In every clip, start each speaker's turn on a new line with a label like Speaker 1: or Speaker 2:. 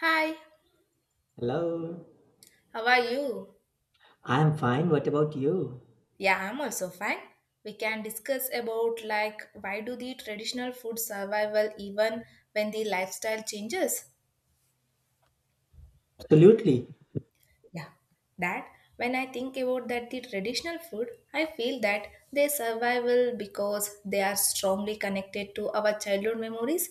Speaker 1: Hi,
Speaker 2: Hello.
Speaker 1: how are you?
Speaker 2: I'm fine. What about you?
Speaker 1: Yeah, I'm also fine. We can discuss about like why do the traditional food survival even when the lifestyle changes?
Speaker 2: Absolutely.
Speaker 1: Yeah, that when I think about that the traditional food, I feel that they survival because they are strongly connected to our childhood memories,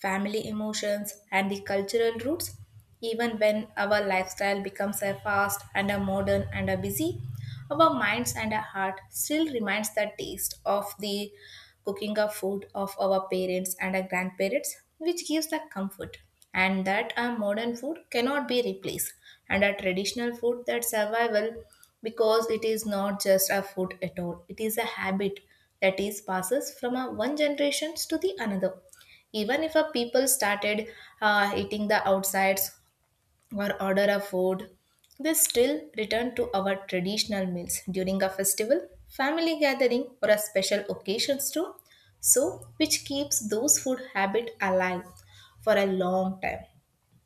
Speaker 1: family emotions and the cultural roots even when our lifestyle becomes a fast and a modern and a busy. Our minds and our heart still reminds the taste of the cooking of food of our parents and our grandparents, which gives the comfort. And that our modern food cannot be replaced, and our traditional food that survival because it is not just a food at all. It is a habit that is passes from a one generations to the another even if a people started eating the outsides or order a food. They still return to our traditional meals during a festival, family gathering, or a special occasions too. So, which keeps those food habit alive for a long time.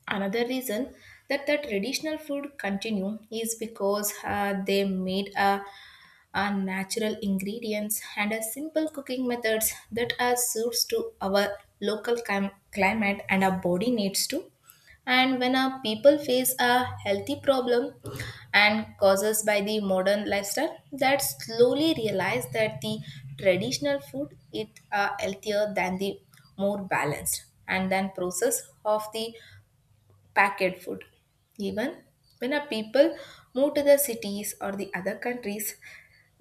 Speaker 1: Another reason that the traditional food continue is because they made a are natural ingredients and are simple cooking methods that are suits to our local climate and our body needs to, and when our people face a healthy problem and causes by the modern lifestyle that slowly realize that the traditional food it are healthier than the more balanced and than process of the packet food. Even when our people move to the cities or the other countries,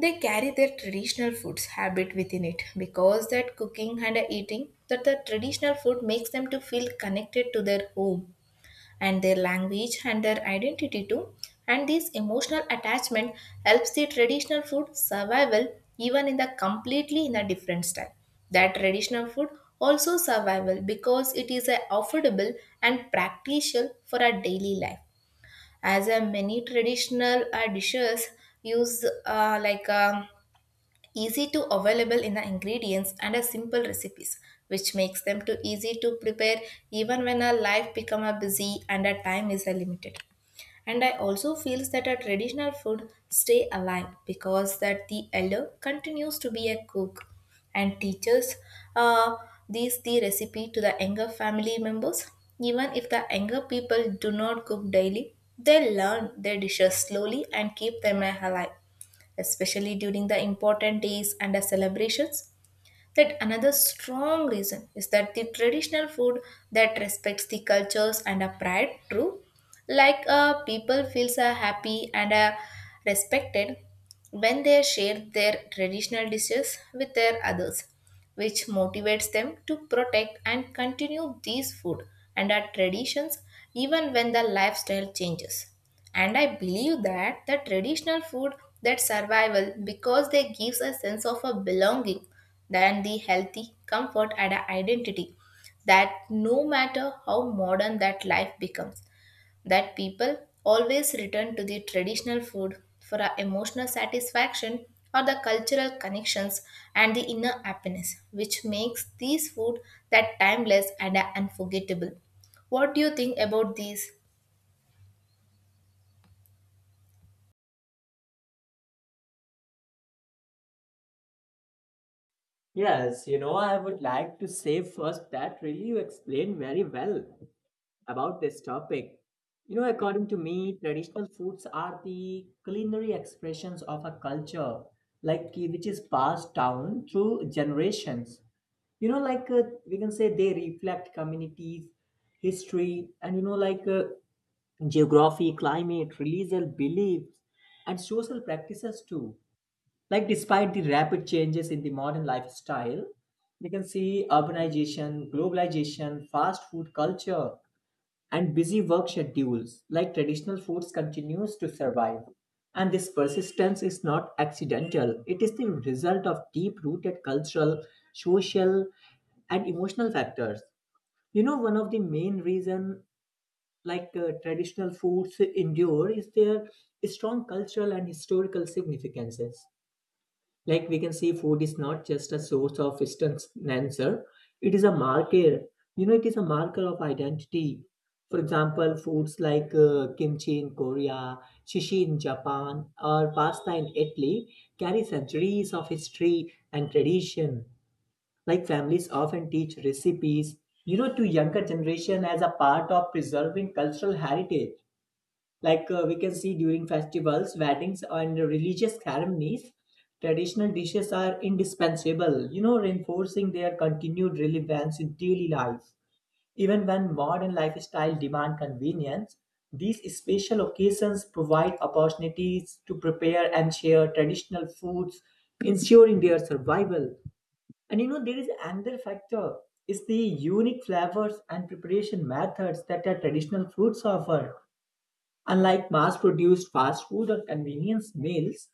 Speaker 1: they carry their traditional foods habit within it because that cooking and eating that the traditional food makes them to feel connected to their home and their language and their identity too. And this emotional attachment helps the traditional food survival even in the completely in a different style. That traditional food also survival because it is a affordable and practical for our daily life, as a many traditional dishes use like easy to available in the ingredients and a simple recipes, which makes them too easy to prepare even when our life become a busy and our time is a limited. And I also feels that our traditional food stay alive because that the elder continues to be a cook and teaches uh, these the recipe to the younger family members. Even if the younger people do not cook daily, they learn their dishes slowly and keep them alive, especially during the important days and the celebrations. That another strong reason is that the traditional food that respects the cultures and a pride true, like people feels happy and respected when they share their traditional dishes with their others, which motivates them to protect and continue these food and our traditions even when the lifestyle changes. And I believe that the traditional food that survival because they gives a sense of a belonging than the healthy comfort and a identity, that no matter how modern that life becomes, that people always return to the traditional food for our emotional satisfaction or the cultural connections and the inner happiness, which makes these food that timeless and unforgettable. What do you think about these?
Speaker 2: Yes, I would like to say first that really you explained very well about this topic. According to me, traditional foods are the culinary expressions of a culture, like which is passed down through generations. Like, we can say they reflect communities, history, and like, geography, climate, religious beliefs, and social practices too. Like, despite the rapid changes in the modern lifestyle, we can see urbanization, globalization, fast food culture, and busy work schedules. Like, traditional foods continues to survive. And this persistence is not accidental. It is the result of deep-rooted cultural, social, and emotional factors. One of the main reason, like traditional foods endure is their strong cultural and historical significances. Like we can see, food is not just a source of instant answer. It is a marker. It is a marker of identity. For example, foods like kimchi in Korea, sushi in Japan, or pasta in Italy carry centuries of history and tradition. Like families often teach recipes, to younger generation as a part of preserving cultural heritage, like we can see during festivals, weddings, and religious ceremonies, traditional dishes are indispensable, reinforcing their continued relevance in daily life even when modern lifestyle demand convenience. These special occasions provide opportunities to prepare and share traditional foods, ensuring their survival. And there is another factor, is the unique flavors and preparation methods that our traditional foods offer. Unlike mass produced fast food or convenience meals,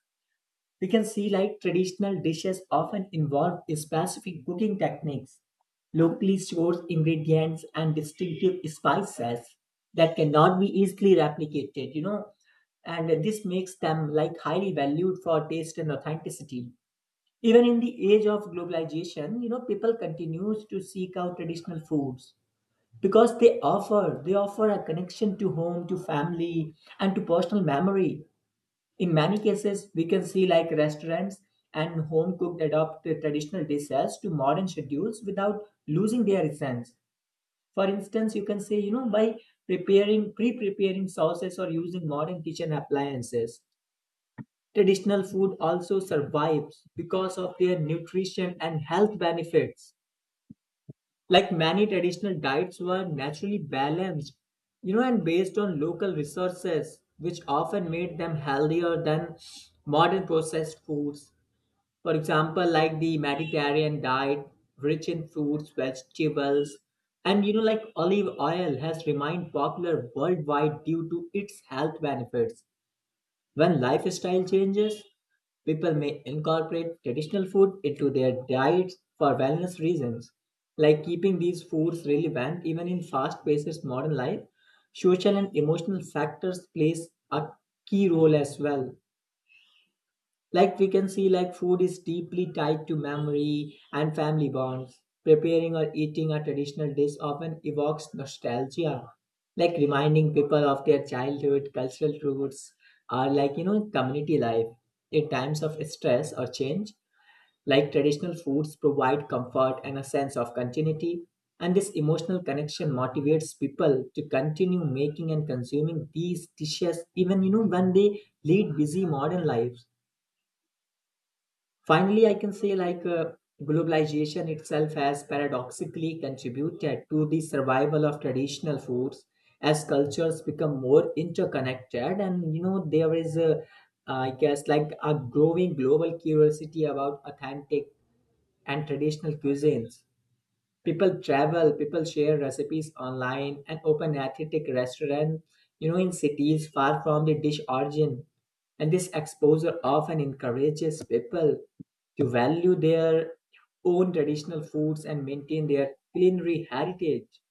Speaker 2: we can see, like traditional dishes often involve specific cooking techniques, locally sourced ingredients, and distinctive spices that cannot be easily replicated, and this makes them like highly valued for taste and authenticity. Even in the age of globalization, people continues to seek out traditional foods because they offer a connection to home, to family, and to personal memory. In many cases we can see like restaurants and home cooked adopt the traditional dishes to modern schedules without losing their essence. For instance you can say, by preparing pre-preparing sauces or using modern kitchen appliances. Traditional food also survives because of their nutrition and health benefits. Like many traditional diets were naturally balanced, and based on local resources which often made them healthier than modern processed foods. For example, like the Mediterranean diet, rich in fruits, vegetables, and like olive oil has remained popular worldwide due to its health benefits. When lifestyle changes, people may incorporate traditional food into their diets for wellness reasons, like keeping these foods relevant even in fast paced modern life. Social and emotional factors plays a key role as well. Like we can see, like food is deeply tied to memory and family bonds. Preparing or eating a traditional dish often evokes nostalgia, like reminding people of their childhood, cultural roots, or like community life. In times of stress or change, like traditional foods provide comfort and a sense of continuity. And this emotional connection motivates people to continue making and consuming these dishes even when they lead busy modern lives. Finally, I can say like globalization itself has paradoxically contributed to the survival of traditional foods as cultures become more interconnected, and there is a, I guess, like a growing global curiosity about authentic and traditional cuisines. People travel, people share recipes online, and open authentic restaurants, in cities far from the dish origin. And this exposure often encourages people to value their own traditional foods and maintain their culinary heritage.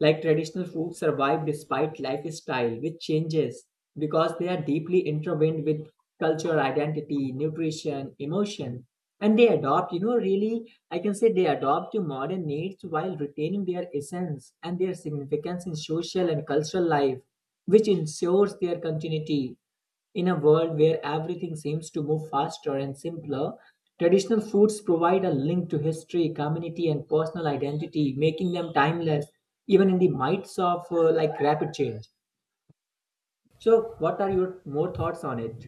Speaker 2: Like traditional foods survive despite lifestyle, which changes because they are deeply intertwined with cultural identity, nutrition, emotion, and they adopt, really, I can say they adopt to modern needs while retaining their essence and their significance in social and cultural life, which ensures their continuity. In a world where everything seems to move faster and simpler, traditional foods provide a link to history, community, and personal identity, making them timeless even in the midst of like rapid change. So, what are your more thoughts on it?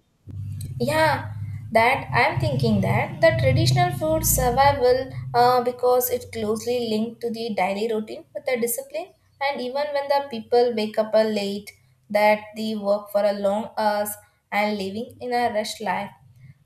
Speaker 1: Yeah, that I'm thinking that the traditional food survival because it closely linked to the daily routine with the discipline. And even when the people wake up late, that they work for a long hours and living in a rush life,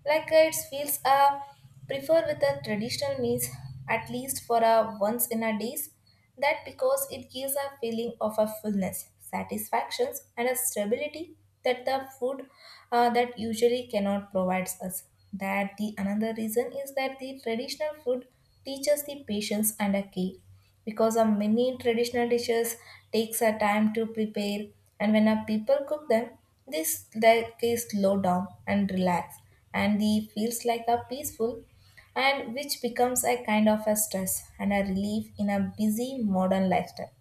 Speaker 1: like it feels prefer with the traditional meals at least for a once in a days. That because it gives a feeling of a fullness, satisfactions, and a stability that the food that usually cannot provides us. That the another reason is that the traditional food teaches the patience and a care because a many traditional dishes takes a time to prepare, and when a people cook them this they slow down and relax and the feels like a peaceful, and which becomes a kind of a stress and a relief in a busy modern lifestyle.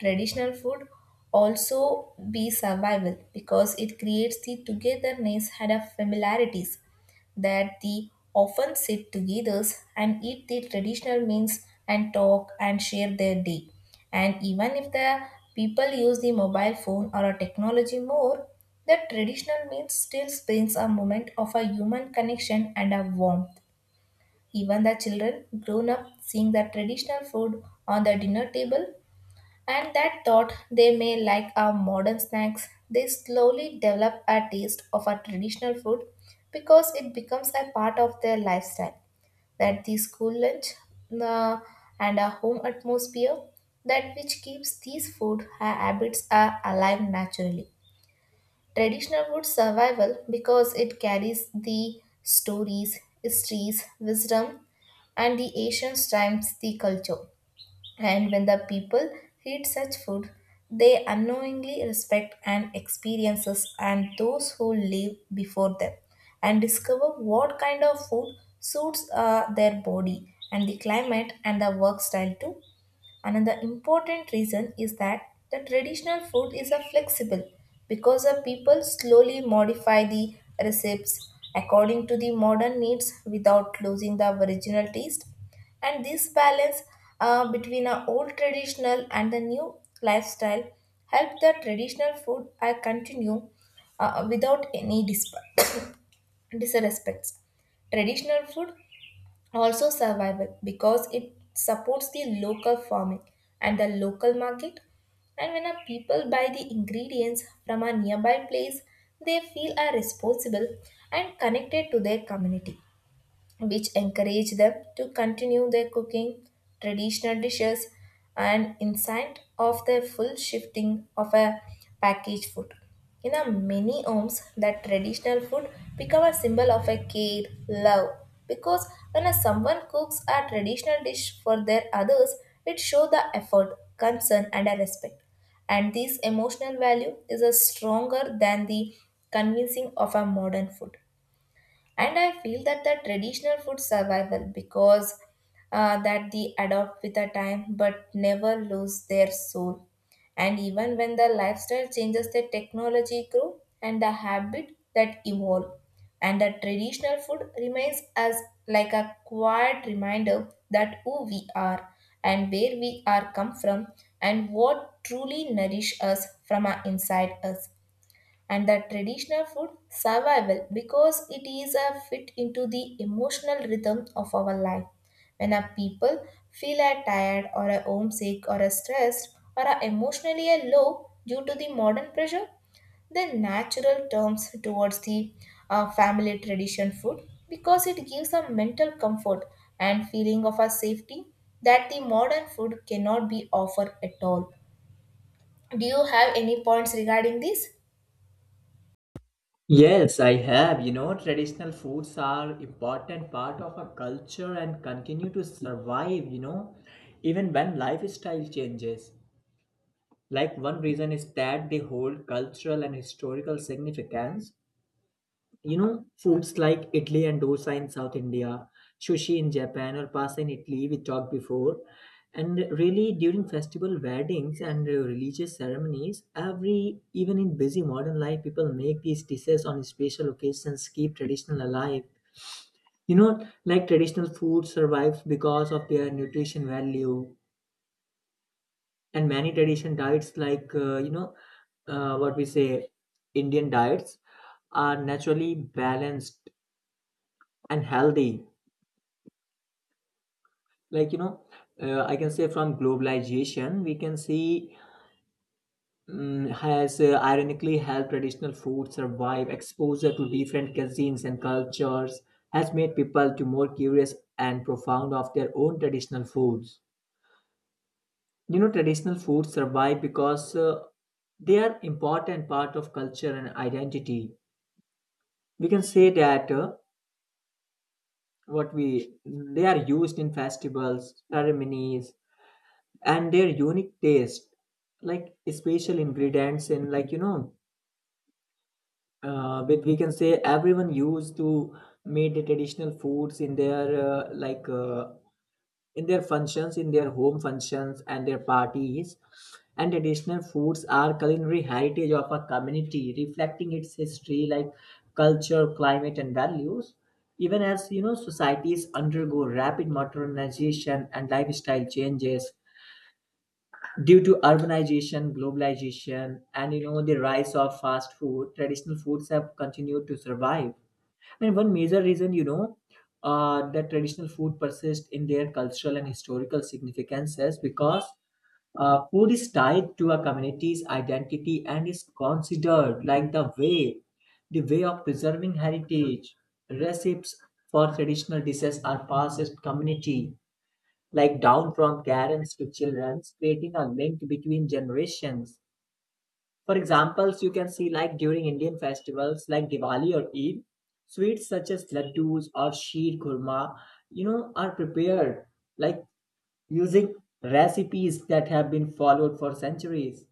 Speaker 1: Traditional food also be survival because it creates the togetherness had a familiarities, that the often sit together and eat the traditional meals and talk and share their day. And even if the people use the mobile phone or a technology more, the traditional meals still brings a moment of a human connection and a warmth. Even the children grown up seeing the traditional food on the dinner table, and that thought they may like our modern snacks, they slowly develop a taste of our traditional food because it becomes a part of their lifestyle. That the school lunch uh, and a home atmosphere, that which keeps these food habits are alive naturally. Traditional food survival because it carries the stories, histories, wisdom, and the ancient times, the culture. And when the people eat such food, they unknowingly respect and experiences and those who live before them and discover what kind of food suits their body and the climate and the work style too. Another important reason is that the traditional food is a flexible because the people slowly modify the recipes according to the modern needs without losing the original taste. And this balance between our old traditional and the new lifestyle help the traditional food continue without any disrespects. Traditional food also survival because it supports the local farming and the local market, and when a people buy the ingredients from a nearby place, they feel are responsible and connected to their community, which encourage them to continue their cooking traditional dishes and insight of their full shifting of a packaged food. In a many homes, that traditional food become a symbol of a care, love. Because when a someone cooks a traditional dish for their others, it shows the effort, concern, and a respect. And this emotional value is a stronger than the convincing of a modern food. And I feel that the traditional food survival because that they adopt with the time but never lose their soul. And even when the lifestyle changes, the technology grow and the habit that evolve, and the traditional food remains as like a quiet reminder that who we are and where we are come from and what truly nourish us from our inside us. And the traditional food survival because it is a fit into the emotional rhythm of our life. When a people feel a tired or a homesick or a stressed or a emotionally a low due to the modern pressure, the natural turns towards the family tradition food because it gives a mental comfort and feeling of a safety that the modern food cannot be offered at all. Do you have any points regarding this?
Speaker 2: Yes, I have. Traditional foods are important part of a culture and continue to survive, even when lifestyle changes. Like one reason is that they hold cultural and historical significance. Foods like Italy and dosa in South India, sushi in Japan or pasta in Italy, we talked before. And really, during festival weddings and religious ceremonies, every even in busy modern life, people make these dishes on special occasions, keep traditional alive. Like traditional food survives because of their nutrition value, and many tradition diets, like what we say, Indian diets, are naturally balanced and healthy, like I can say from globalization we can see has ironically helped traditional food survive, exposure to different cuisines and cultures has made people to more curious and profound of their own traditional foods. Traditional foods survive because they are important part of culture and identity. We can say that what we they are used in festivals, ceremonies, and their unique taste, like special ingredients, and like with we can say everyone used to made the traditional foods in their, in their functions, in their home functions and their parties. And traditional foods are culinary heritage of a community, reflecting its history, like culture, climate, and values, even as societies undergo rapid modernization and lifestyle changes due to urbanization, globalization, and the rise of fast food, traditional foods have continued to survive. And one major reason, that traditional food persists in their cultural and historical significances because food is tied to a community's identity and is considered like the way of preserving heritage. Recipes for traditional dishes are passed as community, like down from parents to children, creating a link between generations. For examples, you can see like during Indian festivals like Diwali or Eid, sweets such as laddus or sheer kurma, are prepared, like using recipes that have been followed for centuries.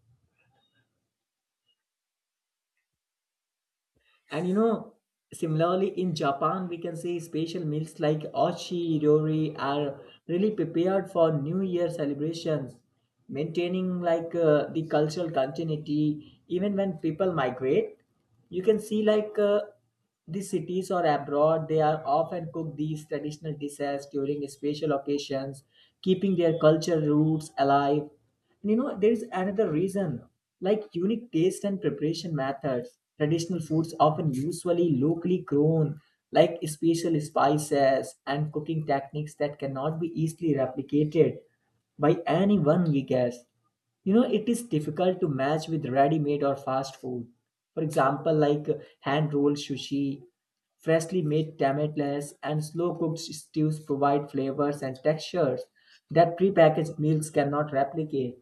Speaker 2: And similarly in Japan, we can say special meals like oshi yori are really prepared for New Year celebrations, maintaining like the cultural continuity. Even when people migrate you can see like the cities or abroad, they are often cook these traditional dishes during special occasions, keeping their cultural roots alive. And there is another reason, like unique taste and preparation methods. Traditional foods often usually locally grown, like special spices and cooking techniques that cannot be easily replicated by anyone we guess. It is difficult to match with ready made or fast food. For example, like hand rolled sushi, freshly made tamales, and slow cooked stews provide flavors and textures that prepackaged meals cannot replicate.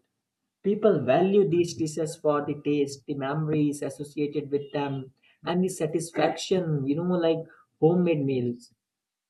Speaker 2: People value these dishes for the taste, the memories associated with them, and the satisfaction, like homemade meals.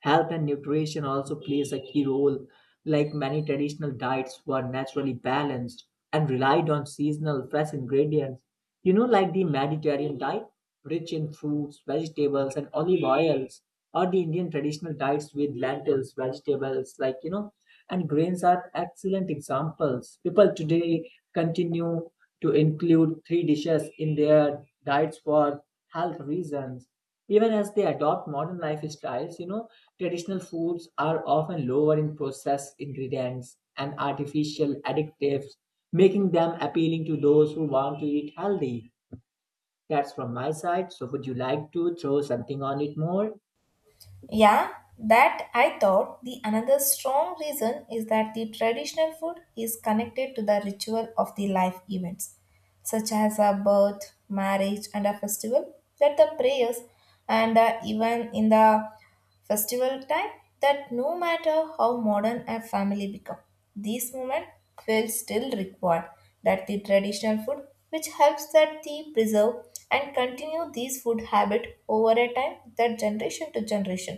Speaker 2: Health and nutrition also plays a key role, like many traditional diets were naturally balanced and relied on seasonal fresh ingredients. Like the Mediterranean diet, rich in fruits, vegetables, and olive oils, or the Indian traditional diets with lentils, vegetables, like and grains are excellent examples. People today continue to include three dishes in their diets for health reasons. Even as they adopt modern lifestyles, traditional foods are often lower in processed ingredients and artificial additives, making them appealing to those who want to eat healthy. That's from my side. So, would you like to throw something on it more?
Speaker 1: Yeah, that I thought the another strong reason is that the traditional food is connected to the ritual of the life events, such as a birth, marriage, and a festival, that the prayers, and even in the festival time, that no matter how modern a family become, these moments will still require that the traditional food which helps that the preserve and continue these food habit over a time that generation to generation.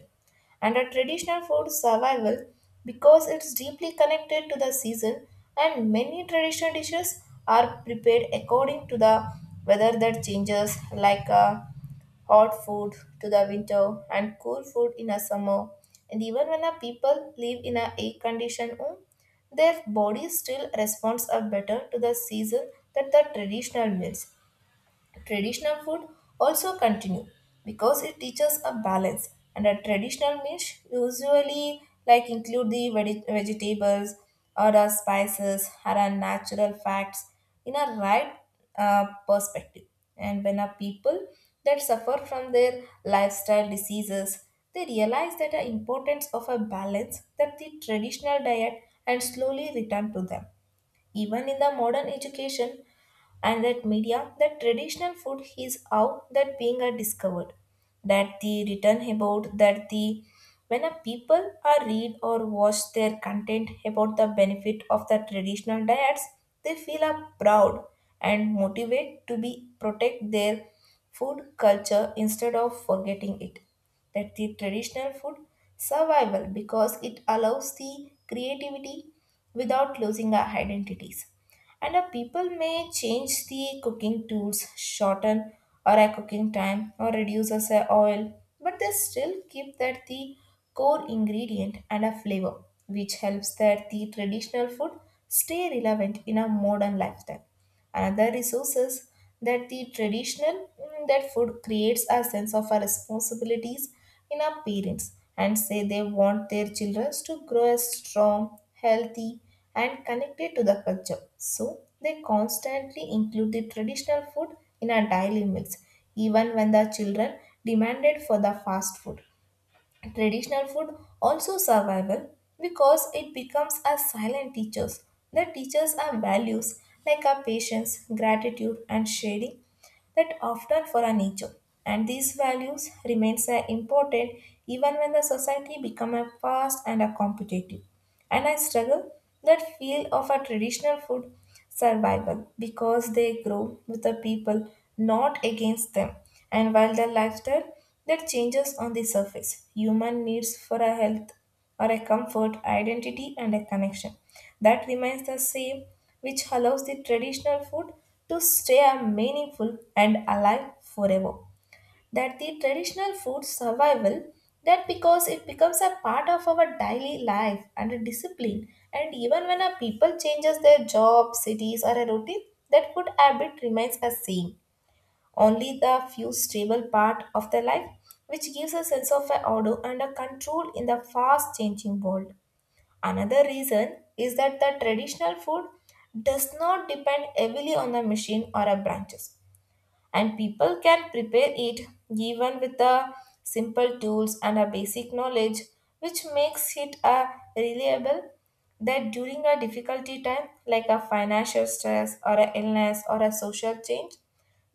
Speaker 1: And a traditional food survival because it's deeply connected to the season, and many traditional dishes are prepared according to the weather that changes, like hot food to the winter and cool food in a summer. And even when a people live in a air-conditioned home, their body still responds a better to the season than the traditional meals. Traditional food also continue because it teaches a balance, and a traditional meal usually like include the vegetables or the spices or a natural facts in a right perspective. And when a people that suffer from their lifestyle diseases, they realize that the importance of a balance that the traditional diet and slowly return to them. Even in the modern education and that media, that traditional food is how that being are discovered, that the written about that the when a people are read or watch their content about the benefit of the traditional diets, they feel are proud and motivate to be protect their food culture instead of forgetting it. That the traditional food survival because it allows the creativity without losing our identities, and people may change the cooking tools, shorten or a cooking time or reduce as a oil, but they still keep that the core ingredient and a flavor, which helps that the traditional food stay relevant in a modern lifestyle. Another resources that the traditional that food creates a sense of our responsibilities in our parents, and say they want their children to grow as strong, healthy, and connected to the culture. So they constantly include the traditional food in our daily meals, even when the children demanded for the fast food. Traditional food also survival because it becomes a silent teachers that teaches our values like our patience, gratitude and sharing that often for our nature. And these values remains important even when the society become a fast and a competitive. And I struggle that feel of a traditional food survival because they grow with the people, not against them. And while the lifestyle that changes on the surface, human needs for a health or a comfort, identity, and a connection that remains the same, which allows the traditional food to stay a meaningful and alive forever. That the traditional food survival that because it becomes a part of our daily life and a discipline, and even when a people changes their job cities or a routine, that food habit remains the same, only the few stable part of their life, which gives a sense of a order and a control in the fast changing world. Another reason is that the traditional food does not depend heavily on the machine or a branches, and people can prepare it even with the simple tools and a basic knowledge, which makes it a reliable that during a difficulty time like a financial stress or a illness or a social change.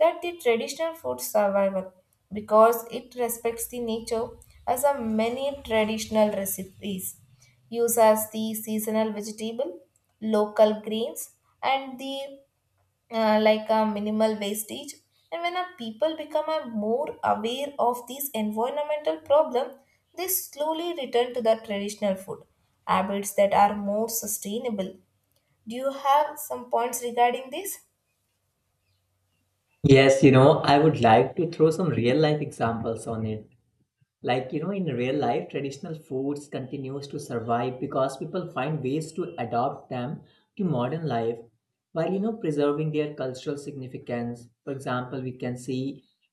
Speaker 1: That the traditional food survival because it respects the nature, as a many traditional recipes use as the seasonal vegetable, local grains, and the like a minimal wastage. And when a people become a more aware of these environmental problem, they slowly return to the traditional food habits that are more sustainable. Do you have some points regarding this?
Speaker 2: Yes, I would like to throw some real life examples on it. Like in real life, traditional foods continues to survive because people find ways to adopt them to modern life while preserving their cultural significance. For example, we can see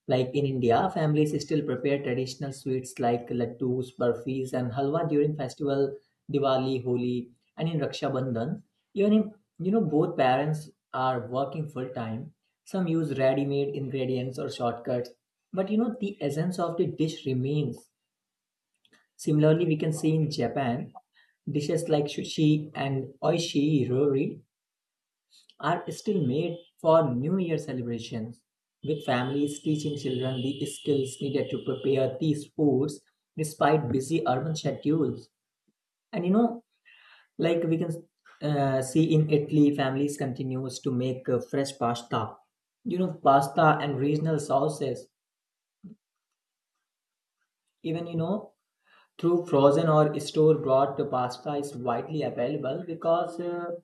Speaker 2: like in India, families still prepare traditional sweets like laddus, burfis, and halwa during festival Diwali, Holi, and in Raksha Bandhan. Even if both parents are working full time, some use ready-made ingredients or shortcuts, but the essence of the dish remains. Similarly, we can see in Japan, dishes like sushi and oishirori are still made for New Year celebrations, with families teaching children the skills needed to prepare these foods despite busy urban schedules. And like we can see in Italy, families continues to make fresh pasta, pasta and regional sauces. Even through frozen or store bought pasta is widely available. Because, Uh,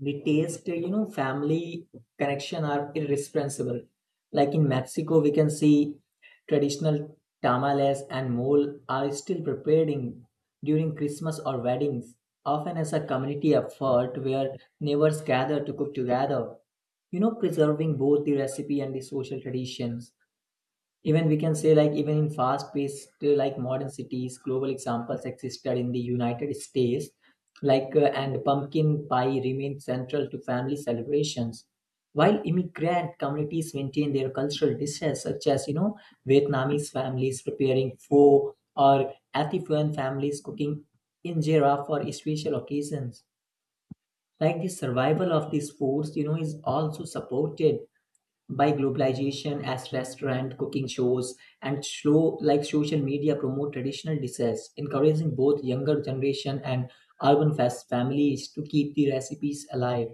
Speaker 2: the taste, family connection are irresponsible. Like in Mexico, we can see traditional tamales and mole are still prepared in, during Christmas or weddings, often as a community effort where neighbors gather to cook together. Preserving both the recipe and the social traditions, even we can say, like even in fast paced like modern cities. Global examples existed in the United States, like and pumpkin pie remained central to family celebrations, while immigrant communities maintain their cultural dishes, such as Vietnamese families preparing pho or Ethiopian families cooking injera for special occasions. Like the survival of these foods, is also supported by globalization, as restaurant cooking shows and show, like social media, promote traditional dishes, encouraging both younger generation and urban fast families to keep the recipes alive.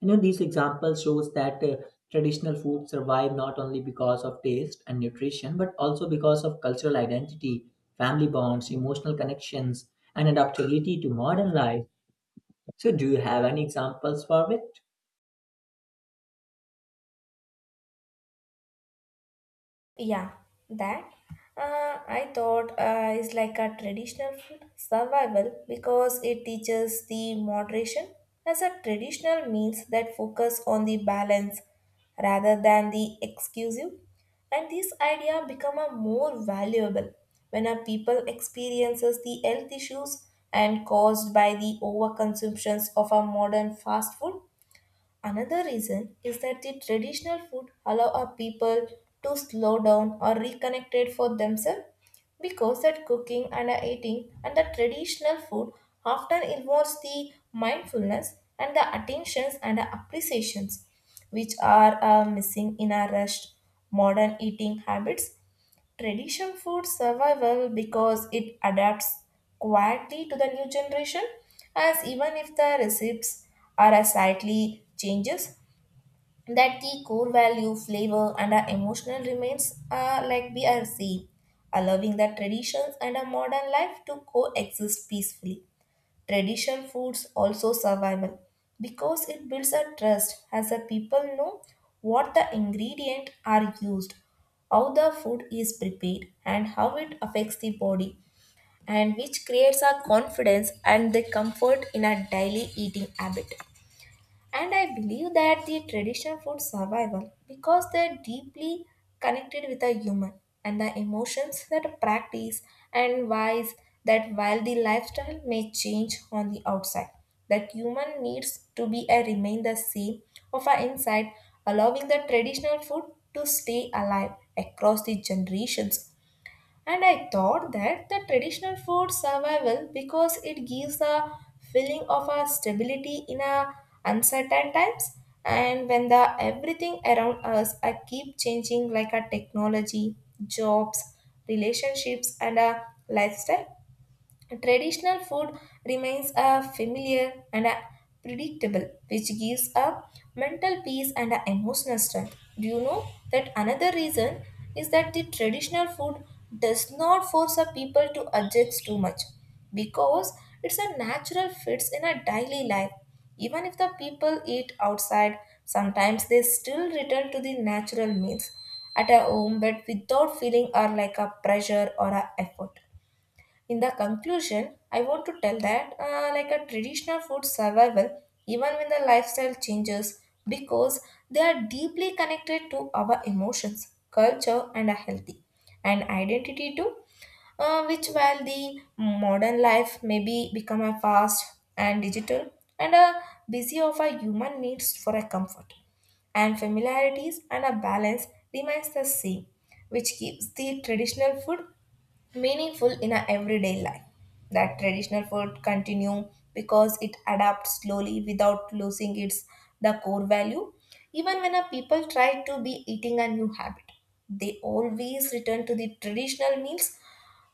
Speaker 2: These examples shows that traditional food survive not only because of taste and nutrition but also because of cultural identity, family bonds, emotional connections, and adaptability to modern life. So do you have any examples for it?
Speaker 1: Yeah, that I thought is like a traditional food survival because it teaches the moderation, as a traditional meals that focus on the balance rather than the exclusive. And this idea become a more valuable when a people experiences the health issues and caused by the overconsumptions of a modern fast food. Another reason is that the traditional food allow our people to slow down or reconnect it for themselves, because that cooking and eating and the traditional food often involves the mindfulness and the attentions and the appreciations, which are missing in our rushed modern eating habits. Tradition food survival because it adapts quietly to the new generation, as even if the recipes are a slightly changes, that the core value flavor and our emotional remains are like BRC, allowing the traditions and a modern life to coexist peacefully. Traditional foods also survival because it builds a trust, as the people know what the ingredient are used, how the food is prepared and how it affects the body, and which creates a confidence and the comfort in a daily eating habit. And I believe that the traditional food survival because they're deeply connected with the human and the emotions that practice and wise, that while the lifestyle may change on the outside, that human needs to be a remain the same of our inside, allowing the traditional food to stay alive across the generations. And I thought that the traditional food survival because it gives a feeling of a stability in a uncertain times, and when the everything around us are keep changing like a technology, jobs, relationships and a lifestyle. Traditional food remains a familiar and a predictable, which gives a mental peace and a emotional strength. Do you know that another reason is that the traditional food does not force a people to adjust too much, because it's a natural fits in a daily life. Even if the people eat outside, sometimes they still return to the natural meals at a home, but without feeling or like a pressure or a effort. In the conclusion, I want to tell that like a traditional food survival, even when the lifestyle changes, because they are deeply connected to our emotions, culture, and a healthy and identity too. Which while the modern life may be become a fast and digital and a busy of our human needs for a comfort and familiarities and a balance remains the same, which keeps the traditional food meaningful in our everyday life. That traditional food continue because it adapts slowly without losing its the core value. Even when a people try to be eating a new habit, they always return to the traditional meals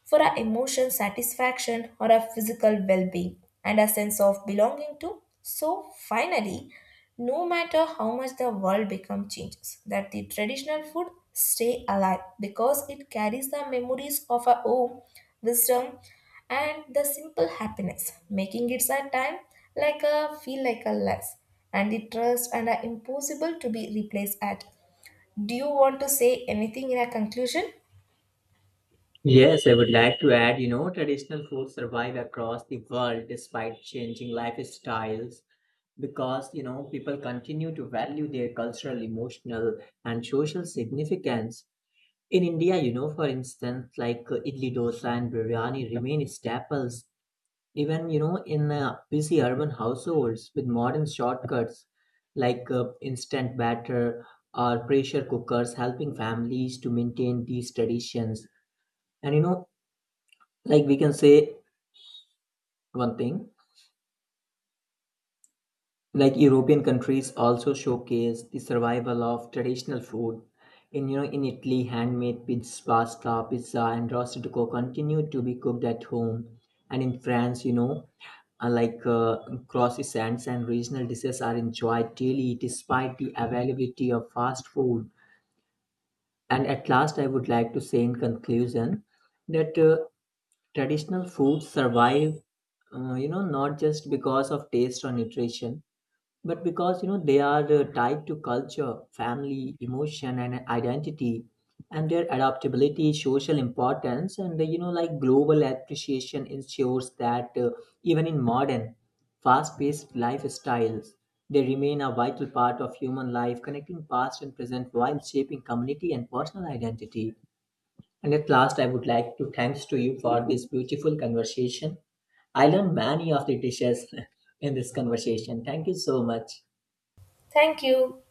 Speaker 1: for our emotional satisfaction or our physical well being and our sense of belonging to. So finally, no matter how much the world become changes, that the traditional food stay alive because it carries the memories of our home, wisdom, and the simple happiness, making it a time like a feel like a less and the trust and are impossible to be replaced at. Do you want to say anything in a conclusion?
Speaker 2: Yes, I would like to add, traditional foods survive across the world despite changing lifestyles because, people continue to value their cultural, emotional, and social significance. In India, for instance, like idli dosa and biryani remain staples, even, in busy urban households with modern shortcuts like instant batter or pressure cookers helping families to maintain these traditions. And, like we can say one thing, like European countries also showcase the survival of traditional food. In, in Italy, handmade pizza, pasta, pizza, and rosticco continue to be cooked at home. And in France, uh, like uh, croissants and regional dishes are enjoyed daily despite the availability of fast food. And at last, I would like to say in conclusion that traditional foods survive, not just because of taste or nutrition but because they are tied to culture, family emotion, and identity. And their adaptability, social importance, and like global appreciation ensures that even in modern fast-paced lifestyles they remain a vital part of human life, connecting past and present while shaping community and personal identity. And at last, I would like to thanks to you for this beautiful conversation. I learned many of the dishes in this conversation. Thank you so much.
Speaker 1: Thank you.